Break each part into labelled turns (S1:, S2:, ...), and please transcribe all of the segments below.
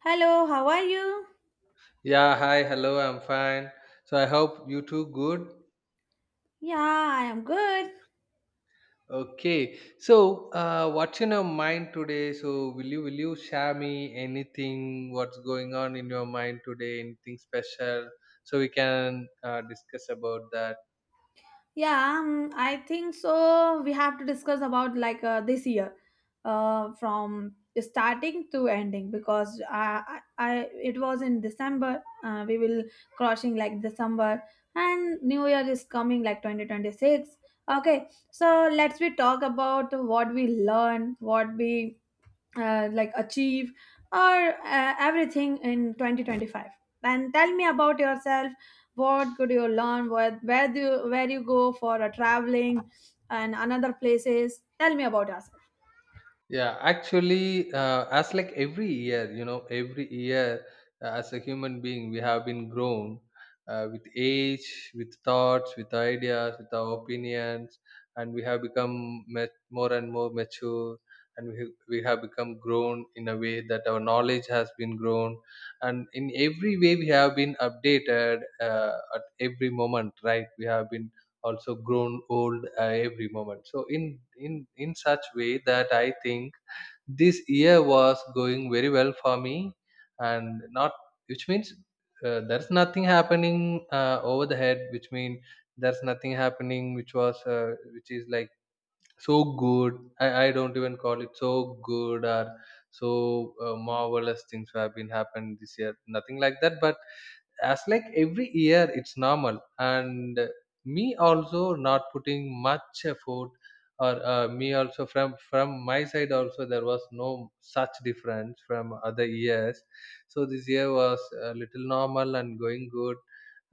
S1: Hello, how are you?
S2: Yeah, hi, hello, I'm fine. So I hope you too good.
S1: Yeah, I am good.
S2: Okay. So what's in your mind today? So will you share me anything what's going on in your mind today, anything special? So we can discuss about that.
S1: Yeah, I think so. We have to discuss about this year, from starting to ending because I it was in December. We will crossing like December, and New Year is coming, like 2026. Okay, so let's we talk about what we learn, what we like achieve or everything in 2025, and tell me about yourself. What could you learn, where do you, where you go for a traveling and another places. Tell me about yourself.
S2: Yeah, actually, as like every year as a human being, we have been grown with age, with thoughts, with ideas, with our opinions, and we have become more and more mature, and we have become grown in a way that our knowledge has been grown, and in every way we have been updated at every moment, right? We have been also grown old every moment, so in such way that I think this year was going very well for me and not, which means there's nothing happening over the head, which means there's nothing happening which was which is like so good. I don't even call it so good, or so marvelous things have been happened this year, nothing like that, but as like every year it's normal, and me also not putting much effort, or me also from my side also there was no such difference from other years. So this year was a little normal and going good,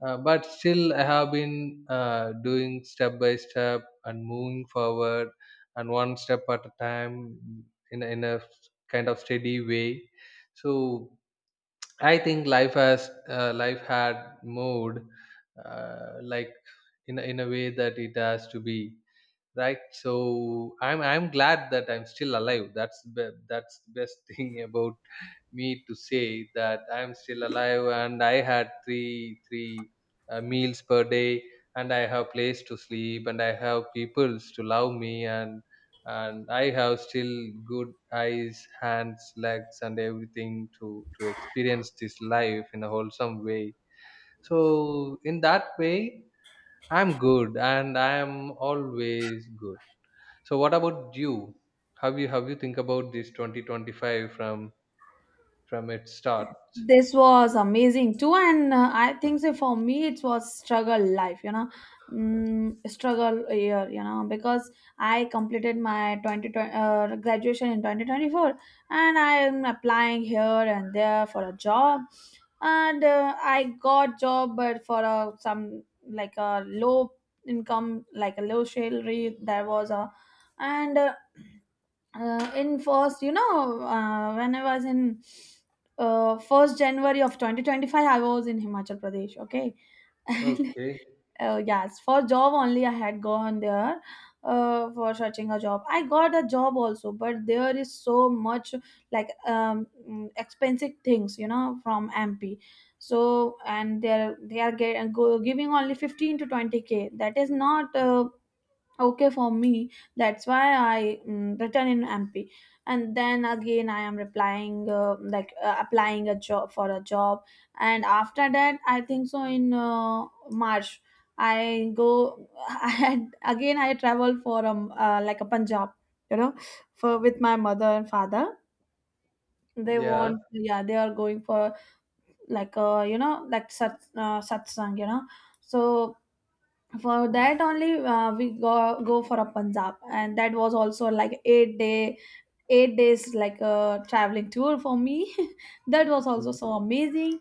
S2: but still I have been doing step by step and moving forward, and one step at a time, in a kind of steady way. So I think life had moved like, in a way that it has to be, right? So I'm glad that I'm still alive. That's the best thing about me, to say that I'm still alive, and I had three meals per day, and I have place to sleep, and I have people to love me, and I have still good eyes, hands, legs, and everything, to experience this life in a wholesome way. So in that way, I'm good and I am always good. So what about you? Have you think about this 2025 from its start?
S1: This was amazing too, and I think so, for me it was struggle life, you know. Struggle year, you know, because I completed my 20, twenty graduation in 2024, and I am applying here and there for a job. And I got job but for a, some like a low income like a low salary there was a And in first, you know, when I was in first january of 2025, I was in Himachal Pradesh. Okay.
S2: Okay.
S1: And yes, for job only I had gone there, for searching a job. I got a job also, but there is so much expensive things, you know, from MP. So and they're they are get, go, giving only 15 to 20k. That is not okay for me. That's why I written in MP. And then again I am replying applying a job for a job. And after that, I think so, in march I go, I had again I travel for like a punjab, you know, for, with my mother and father. They
S2: Yeah.
S1: want, yeah, they are going for sat, satsang, you know. So for that only, we go for a punjab, and that was also like 8 day, 8 days, like a traveling tour for me. That was also
S2: Mm.
S1: so amazing.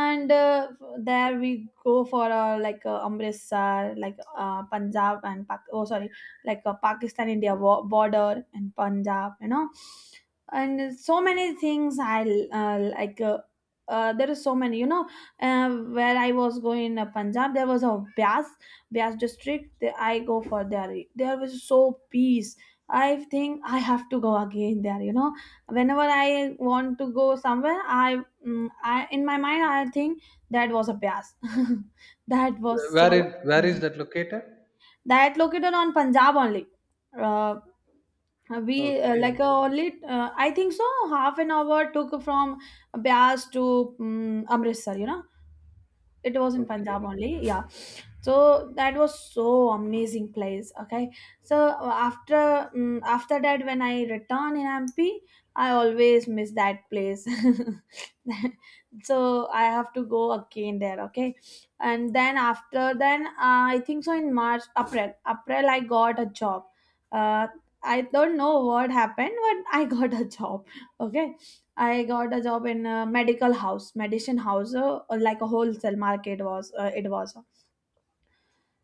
S1: And there we go for a, like, a amritsar, like, punjab and Pak-, oh sorry, like a pakistan india wa- border and punjab, you know. And so many things I, uh, like uh, there is so many, you know. uh, where I was going in punjab, there was a bias, bias district. There I go for there. There was so peace. I think I have to go again there. You know, whenever I want to go somewhere, I, I, in my mind I think, that was a pass. That was
S2: Wh-
S1: so
S2: Where it where is
S1: amazing.
S2: that located?
S1: That located on Punjab only. Uh, we
S2: Okay.
S1: like only I think so. Half an hour took from Bias to Amritsar. You know, it was in Punjab
S2: Okay.
S1: only, yeah. So that was so amazing place. Okay, so after that, when I return in MP, I always miss that place. So I have to go again there. Okay, and then after then, I think so in March, April, April I got a job. Uh, I don't know what happened, but I got a job. Okay, I got a job in a medical house, medicine house, like a wholesale market was it was.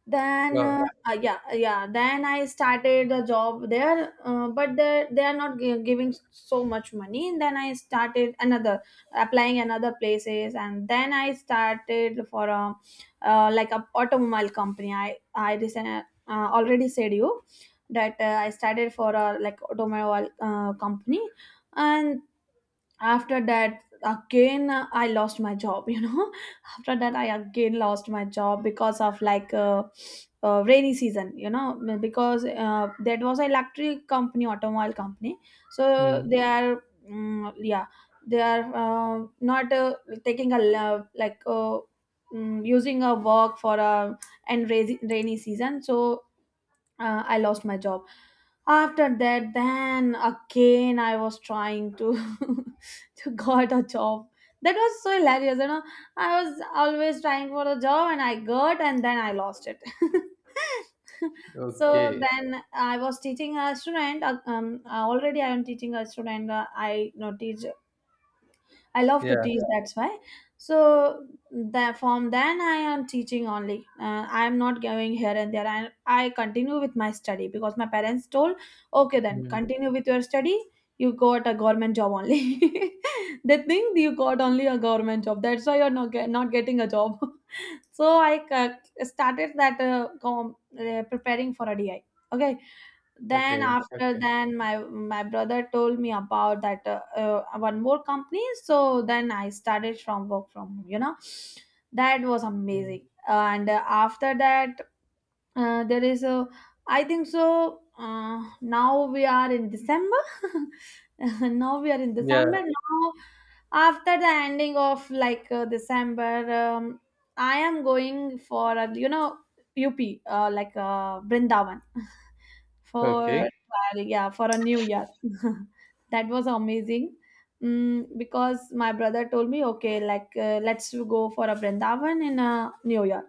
S1: Then
S2: Wow.
S1: uh, uh, yeah yeah then I started the job there, but they are not gi- giving so much money. Then I started another, applying another places, and then I started for a like a automobile company. I recent, already said you that I started for a like automobile company. And after that again, I lost my job, you know. After that I again lost my job because of rainy season, you know. M- because That was an electric company, automobile company. So
S2: Mm.
S1: they are mm, yeah they are not Taking a lo- like using a work for a, and rainy season. So I lost my job. After that, then again I was trying to to got a job. That was so hilarious, you know. I was always trying for a job, and I got, and then I lost it. So
S2: Okay.
S1: then I was teaching a student, already I am teaching a student. Uh, i you know teach I love to
S2: Yeah.
S1: teach, that's why. So that from then I am teaching only. I am not going here and there. I continue with my study because my parents told, okay, then
S2: Mm.
S1: continue with your study. You got a government job only. They think you got only a government job. That's why you're not, get, not getting a job. So I started that preparing for a DI. Okay, then
S2: Okay.
S1: after
S2: Okay.
S1: then my brother told me about that one more company, so then I started from work from home, you know. That was
S2: Mm.
S1: amazing. And after that there is a, I think so now we are in december. Now we are in december
S2: Yeah.
S1: now. After the ending of december, I am going for a, you know, up, brindavan
S2: Okay.
S1: for, yeah, for a new year. That was amazing. Because my brother told me, okay, like, let's go for a brindavan in a new year.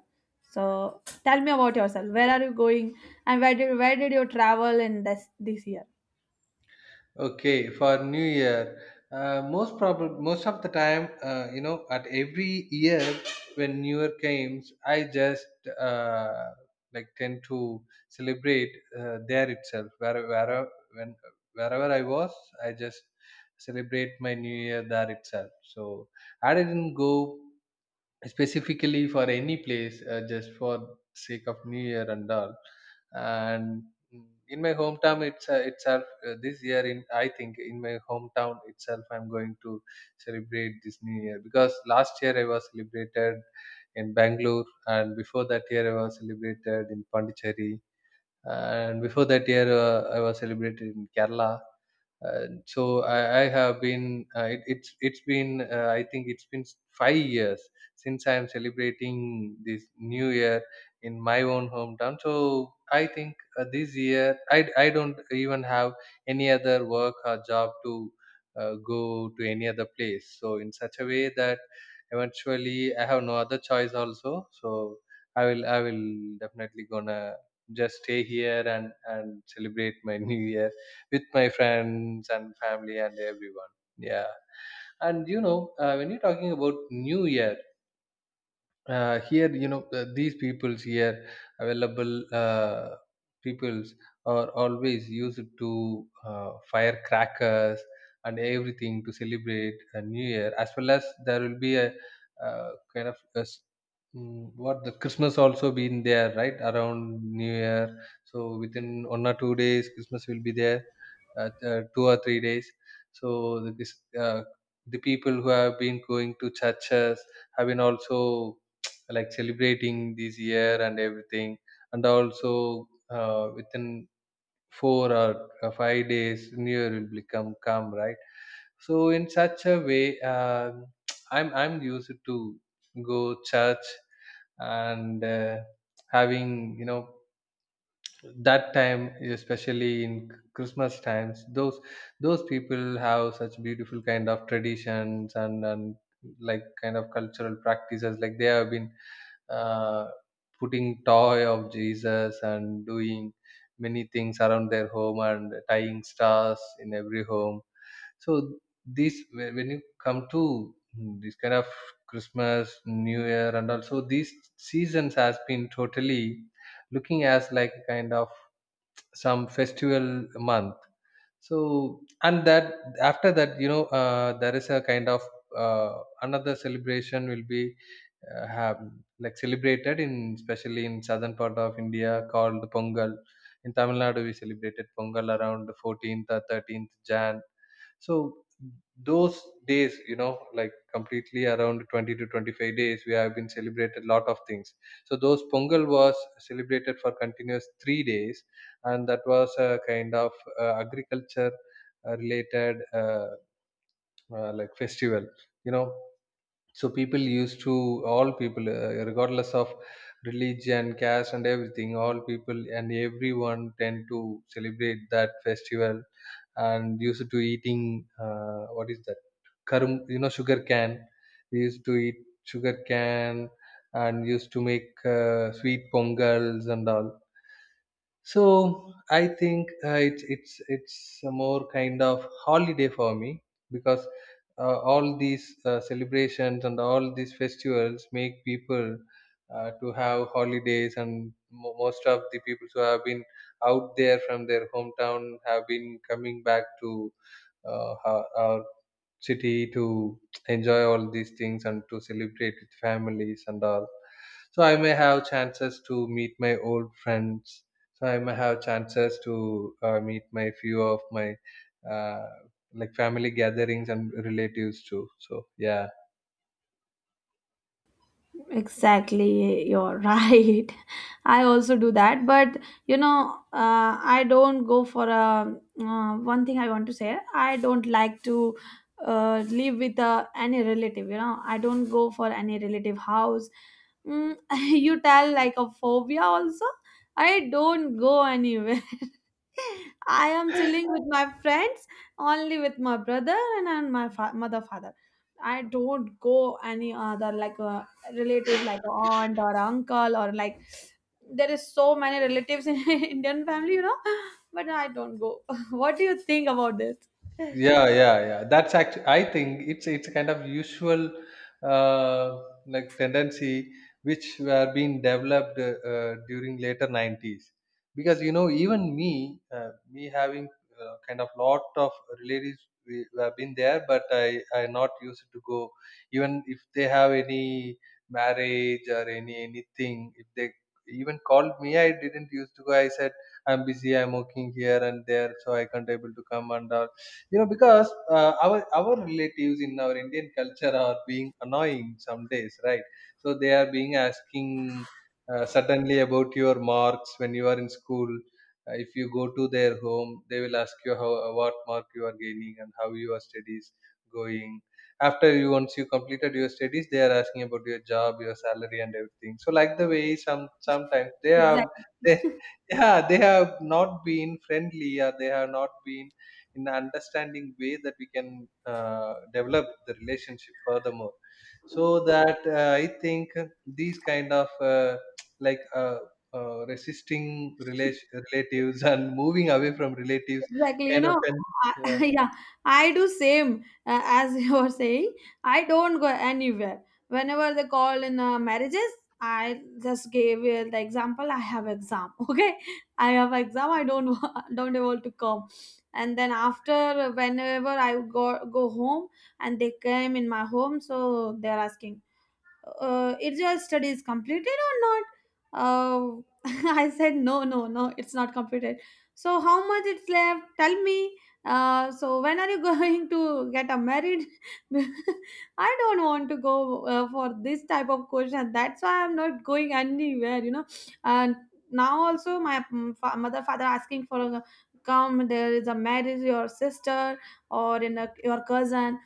S1: So tell me about yourself. Where are you going, and where did you travel in this year?
S2: Okay, for New Year, most probably most of the time, at every year when New Year comes, I just uh, like tend to celebrate there itself. When wherever I was, I just celebrate my New Year there itself. So I didn't go specifically for any place, just for sake of new year and all, and in my hometown it's itself, this year in I think in my hometown itself I'm going to celebrate this new year, because last year I was celebrated in Bangalore, and before that year I was celebrated in Pondicherry, and before that year I was celebrated in Kerala. And so I have been it's been, I think it's been 5 years since I am celebrating this New Year in my own hometown. So I think, this year I don't even have any other work or job to go to any other place. So in such a way that eventually I have no other choice also. So I will definitely gonna just stay here and celebrate my New Year with my friends and family and everyone. Yeah. And you know, when you're talking about New Year, here these peoples here available peoples are always used to fire crackers and everything to celebrate a new year, as well as there will be a kind of a what, the Christmas also been there right around new year, so within 1 or 2 days Christmas will be there, 2 or 3 days. So the people who have been going to churches have been also like celebrating this year and everything, and also within four or 5 days new year will become come, right? So in such a way, I'm used to go church, and having that time, especially in Christmas times. Those people have such beautiful kind of traditions, and like kind of cultural practices, like they have been uh, putting toy of Jesus and doing many things around their home and tying stars in every home. So these, when you come to this kind of Christmas new year and also these seasons has been totally looking as like a kind of some festival month. So and that after that, you know, there is a kind of another celebration will be have, like celebrated in, especially in southern part of India, called the Pongal. In Tamil Nadu, we celebrated Pongal around the 14th or 13th Jan. So those days, you know, like completely around 20 to 25 days, we have been celebrated lot of things. So those Pongal was celebrated for continuous 3 days, and that was a kind of agriculture related like festival. You know, so people used to all people regardless of religion, caste and everything, all people and everyone tend to celebrate that festival, and used to eating, what is that karum, you know, sugar can, we used to eat sugar can, and used to make sweet pongals and all. So I think, it's a more kind of holiday for me, because all these celebrations and all these festivals make people to have holidays, and most of the people who have been out there from their hometown have been coming back to our city to enjoy all these things and to celebrate with families and all. So I may have chances to meet my old friends, so I may have chances to meet my few of my uh, like family gatherings and relatives too, so yeah.
S1: Exactly, you're right. I also do that, but you know, I don't go for a, one thing I want to say, I don't like to live with any relative. You know, I don't go for any relative house. You tell like a phobia also. I don't go anywhere. I am chilling with my friends, only with my brother, and my fa- mother father. I don't go any other relative, like a aunt or uncle, or like, there is so many relatives in Indian family, you know. But I don't go. What do you think about this?
S2: Yeah, yeah, yeah, that's actually, I think it's a kind of usual uh, like tendency which were being developed, during later 90s, because you know, even me, me having kind of lot of relatives we have been there, but I not used to go. Even if they have any marriage or anything, if they even called me, I didn't used to go. I said I'm busy, I'm working here and there, so I can't able to come and all. You know, because our relatives in our Indian culture are being annoying some days, right? So they are being asking suddenly about your marks when you are in school. If you go to their home, they will ask you how, what mark you are gaining and how your studies going. After you, once you completed your studies, they are asking about your job, your salary and everything. So like the way, sometimes they have, they yeah, they have not been friendly, or they have not been in an understanding way that we can develop the relationship furthermore. So that, I think these kind of, like uh, resisting relatives and moving away from relatives,
S1: Exactly, you
S2: kind of
S1: know,
S2: an,
S1: I,
S2: yeah,
S1: yeah, I do same as you were saying. I don't go anywhere whenever they call in marriages. I just gave the example, I have exam. Okay, I have exam, I don't wa- don't able to come. And then after, whenever I go home, and they came in my home, so they're asking, is your studies completed or not? uh, I said, no, no, no, it's not completed. So how much it's left, tell me. So when are you going to get a married? I don't want to go for this type of question. That's why I'm not going anywhere, you know. And now also my fa- mother father asking for a come, there is a marriage, your sister, or in a, your cousin.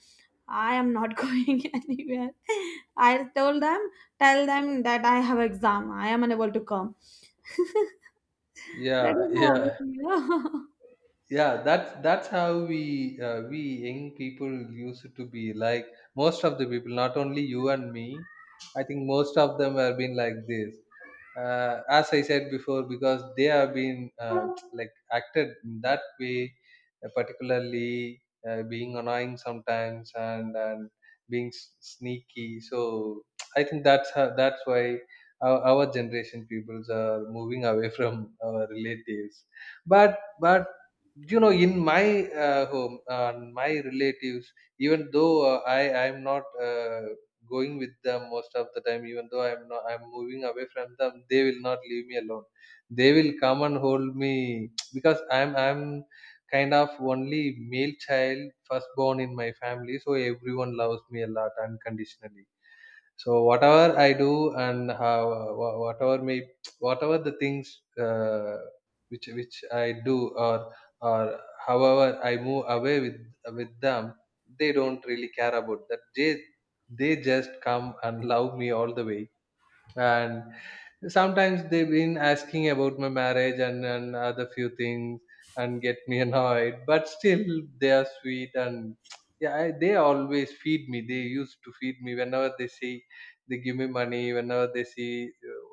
S1: I am not going anywhere. I told them, tell them that I have exam. I am unable to come. That
S2: yeah,
S1: is
S2: yeah,
S1: obvious.
S2: yeah. That's how we, young people used to be like. Most of the people, not only you and me, I think most of them have been like this, as I said before, because they have been like acted in that way, particularly, being annoying sometimes, and being sneaky. So I think that's why our generation peoples are moving away from our relatives. But you know, in my home, my relatives, even though, I'm not going with them most of the time, even though I'm not, I'm moving away from them, they will not leave me alone. They will come and hold me because I'm kind of only male child, firstborn in my family, so everyone loves me a lot unconditionally. So whatever I do, and how, wha- whatever may whatever the things, which I do, or however I move away with them, they don't really care about that. They just come and love me all the way and sometimes they've been asking about my marriage and other few things and get me annoyed, but still they are sweet. And yeah, they always feed me, they used to feed me whenever they see, they give me money whenever they see,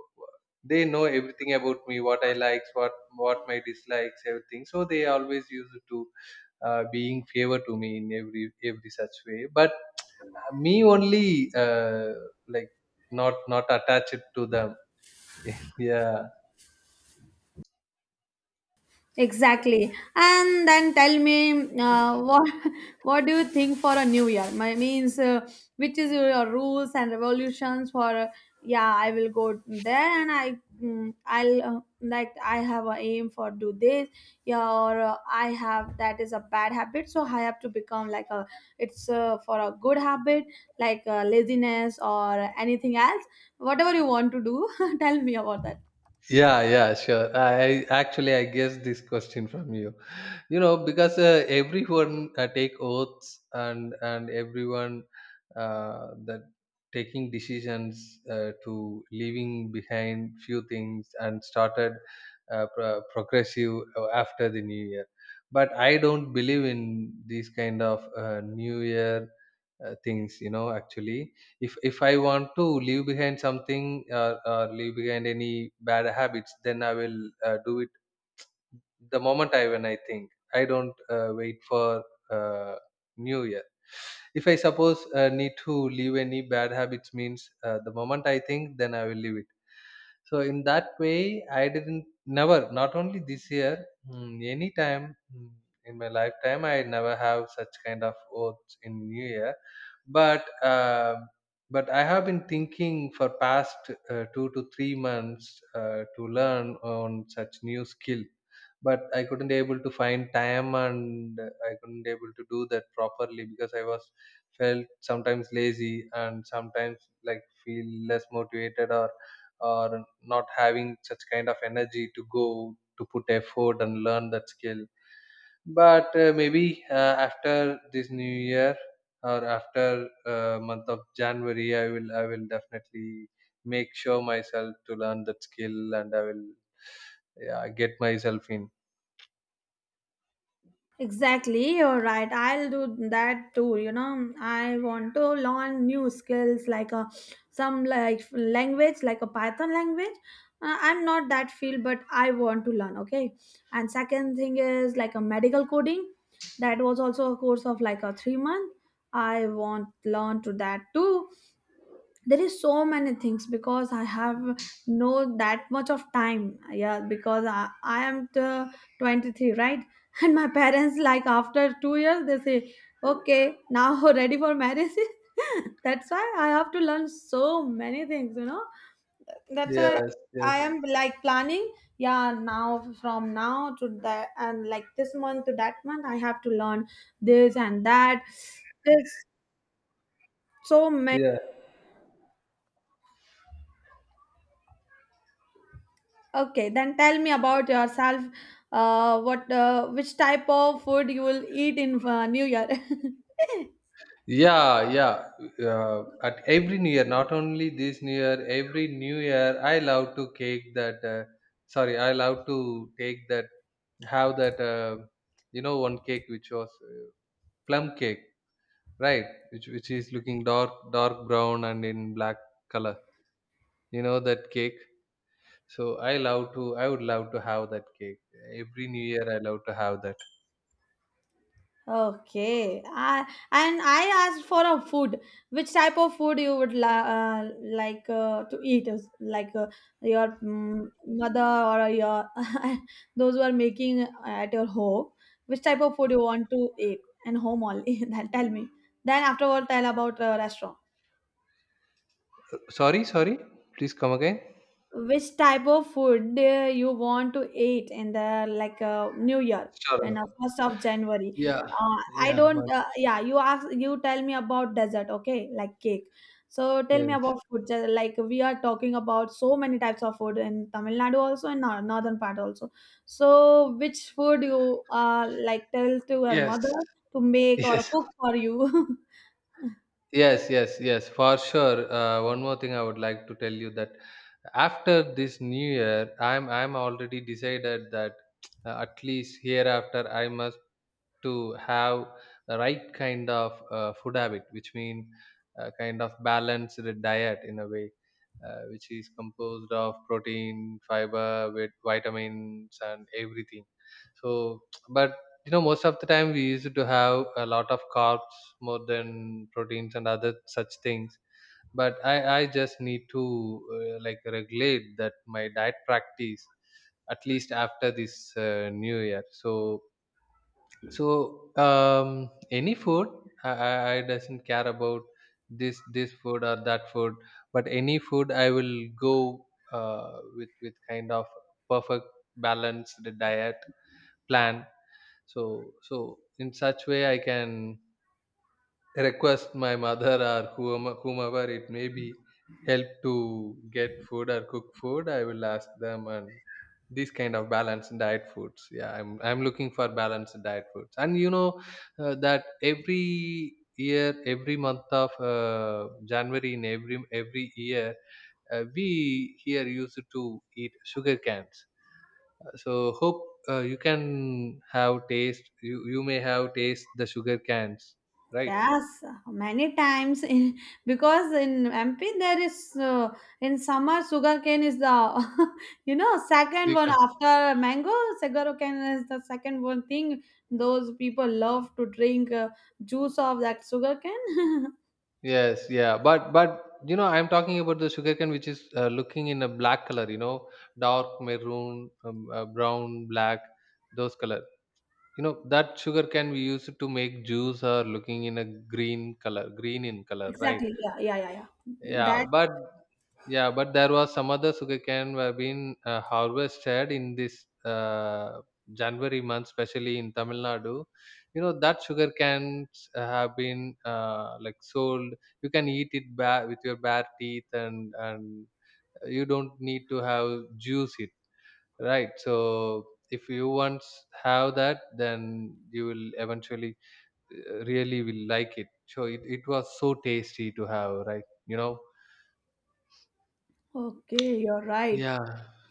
S2: they know everything about me, what I likes, what my dislikes, everything, so they always used to being favor to me in every such way. But me only, like not attached to them. Yeah,
S1: Exactly. And then tell me, what what do you think for a new year? My means, which is your rules and revolutions for yeah, I will go there, and I, I'll, like, I have a aim for do this. Yeah, or I have that is a bad habit, so I have to become like a, it's for a good habit, like laziness or anything else. Whatever you want to do, tell me about that.
S2: yeah, yeah, sure. I actually I guessed this question from you, you know, because everyone take oaths, and everyone, that taking decisions to leaving behind few things and started progressive after the new year. But I don't believe in these kind of new year things, you know. Actually, if I want to leave behind something, or leave behind any bad habits, then I will do it the moment I when I think. I don't wait for uh, new year. If I suppose need to leave any bad habits means, the moment I think, then I will leave it. So in that way, I didn't, never, not only this year, any time, in my lifetime, I never have such kind of oaths in New Year. But uh, but I have been thinking for past 2 to 3 months to learn on such new skill. But I couldn't able to find time and I couldn't able to do that properly because I was felt sometimes lazy and sometimes like feel less motivated, or not having such kind of energy to go to put effort and learn that skill. But maybe after this new year or after month of January, i will definitely make sure myself to learn that skill, and I will, yeah, get myself in.
S1: Exactly, you're right. I'll do that too. You know, I want to learn new skills, like a, some like language, like a Python language. I'm not that field, but I want to learn. Okay, and second thing is like a medical coding. That was also a course of like a 3 month. I want learn to that too. There is so many things because I have no that much of time. Yeah, because I am t- 23, right, and my parents, like, after 2 years they say, okay, now ready for marriage. That's why I have to learn so many things, you know. That's why
S2: Yes,
S1: I
S2: yes,
S1: am like planning, yeah, now from now to that, and like this month to that month I have to learn this and that. There's so many.
S2: yeah.
S1: Okay, then tell me about yourself. What, which type of food you will eat in New Year?
S2: Yeah, yeah. At every new year, not only this new year, every new year, I love to cake that. Sorry, I love to take that. Have that. You know, one cake which was plum cake, right? Which is looking dark, dark brown and in black color. You know that cake. So I love to. I would love to have that cake every new year. I love to have that.
S1: Okay, I, and I asked for a food. Which type of food you would la- to eat? Is like, your mother, or your those who are making at your home. Which type of food you want to eat, and home only? Then tell me. Then afterward, tell about restaurant.
S2: Sorry, sorry. Please come again.
S1: Which type of food, you want to eat in the like, new year,
S2: Sure.
S1: and 1st of january.
S2: Yeah.
S1: I
S2: Yeah,
S1: don't,
S2: wonderful.
S1: yeah, you ask, you tell me about dessert. Okay, like cake. So tell me
S2: Yes.
S1: about food, like we are talking about so many types of food in tamil nadu, also in nor- northern part also. So which food you like tell to your
S2: Yes.
S1: mother to make or
S2: Yes,
S1: cook for you?
S2: yes, yes, yes, for sure. One more thing I would like to tell you, that after this new year, I'm already decided that at least hereafter I must to have the right kind of food habit, which mean kind of balanced diet, in a way which is composed of protein, fiber, with vitamins and everything. So but you know, most of the time we used to have a lot of carbs more than proteins and other such things. But i just need to like regulate that my diet practice at least after this new year. So so any food, I doesn't care about this food or that food, but any food I will go with kind of perfect balanced diet plan. So so in such way, I can request my mother or whomever it may be, help to get food or cook food, I will ask them. And these kind of balanced diet foods, yeah, i'm looking for balanced diet foods. And you know, that every year, every month of January, in every year, we here used to eat sugar cans. So hope you can have taste, you may have taste the sugar cans, right?
S1: Yes, many times in, because in MP there is in summer, sugarcane is the you know, second
S2: You.
S1: one after mango. Sugarcane is the second one thing. Those people love to drink juice of that sugarcane.
S2: Yes, yeah, but you know, I'm talking about the sugarcane which is looking in a black color. You know, dark maroon, brown, black, those color. You know that sugarcane, we use it to make juice, or looking in a green color, green in color, right?
S1: Exactly. Yeah. That
S2: Yeah, but yeah, but there was some other sugarcane were being harvested in this January month, especially in Tamil Nadu. You know that sugar cans have been like sold. You can eat it with your bare teeth, and you don't need to have juice it, right? So if you once have that, then you will eventually really will like it. So it was so tasty to have, right? You know.
S1: okay, you're right.
S2: Yeah,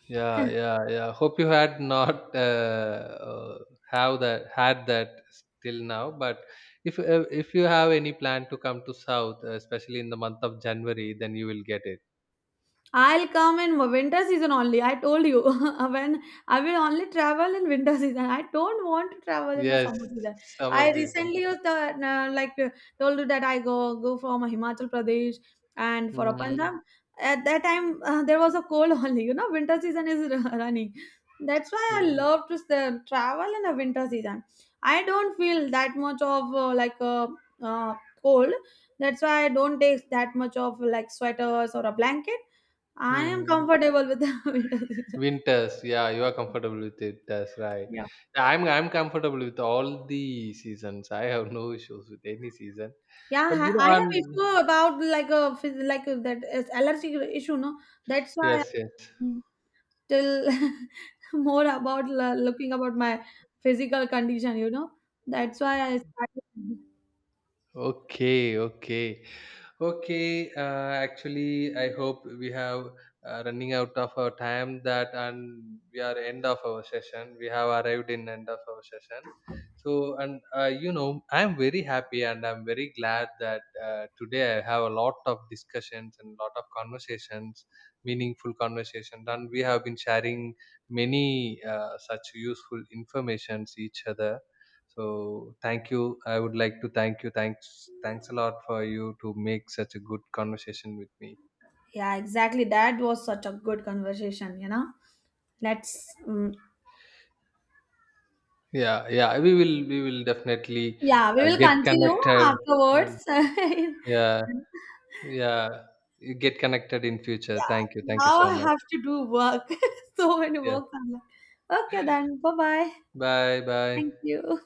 S2: yeah, yeah, yeah. Hope you had not have that, had that till now. But if you have any plan to come to South, especially in the month of January, then you will get it.
S1: I'll come in winter season only. I told you, when I will only travel in winter season. I don't want to travel in a
S2: Yes,
S1: summer season.
S2: summer
S1: I
S2: season.
S1: recently was the, told you that I go from Himachal Pradesh and for a Punjab.
S2: Mm,
S1: At that time, there was a cold only. You know, winter season is r- running. That's why I
S2: yeah.
S1: love to s- travel in the winter season. I don't feel that much of uh, cold. That's why I don't take that much of like sweaters or a blanket. I am
S2: Mm.
S1: comfortable with the
S2: Winters. Yeah, you are comfortable with it. That's right.
S1: yeah.
S2: I'm comfortable with all the seasons. I have no issues with any season.
S1: Yeah,
S2: But you know,
S1: I have
S2: on,
S1: issue about like a phys- like a-, that is allergic issue, no. That's why
S2: yes, yes.
S1: I'm still more about la- looking about my physical condition, you know. That's why I started.
S2: Okay, okay. Okay, actually, I hope we have running out of our time, that and we are end of our session. We have arrived in end of our session. So, and you know, I'm very happy and I'm very glad that today I have a lot of discussions and lot of conversations, meaningful conversations, and we have been sharing many such useful informations each other. So thank you. I would like to thank you. Thanks, thanks a lot for you to make such a good conversation with me.
S1: Yeah, exactly. That was such a good conversation, you know. Let's,
S2: Yeah, yeah. We will definitely
S1: yeah, we will
S2: get
S1: continue
S2: connected, and
S1: afterwards.
S2: yeah, yeah. You get connected in future. Thank you.
S1: Yeah,
S2: Thank you
S1: now
S2: so
S1: I
S2: much.
S1: have to do work. So many
S2: Yeah.
S1: works. I'm like, okay, then bye bye.
S2: Bye.
S1: Thank
S2: Bye.
S1: you.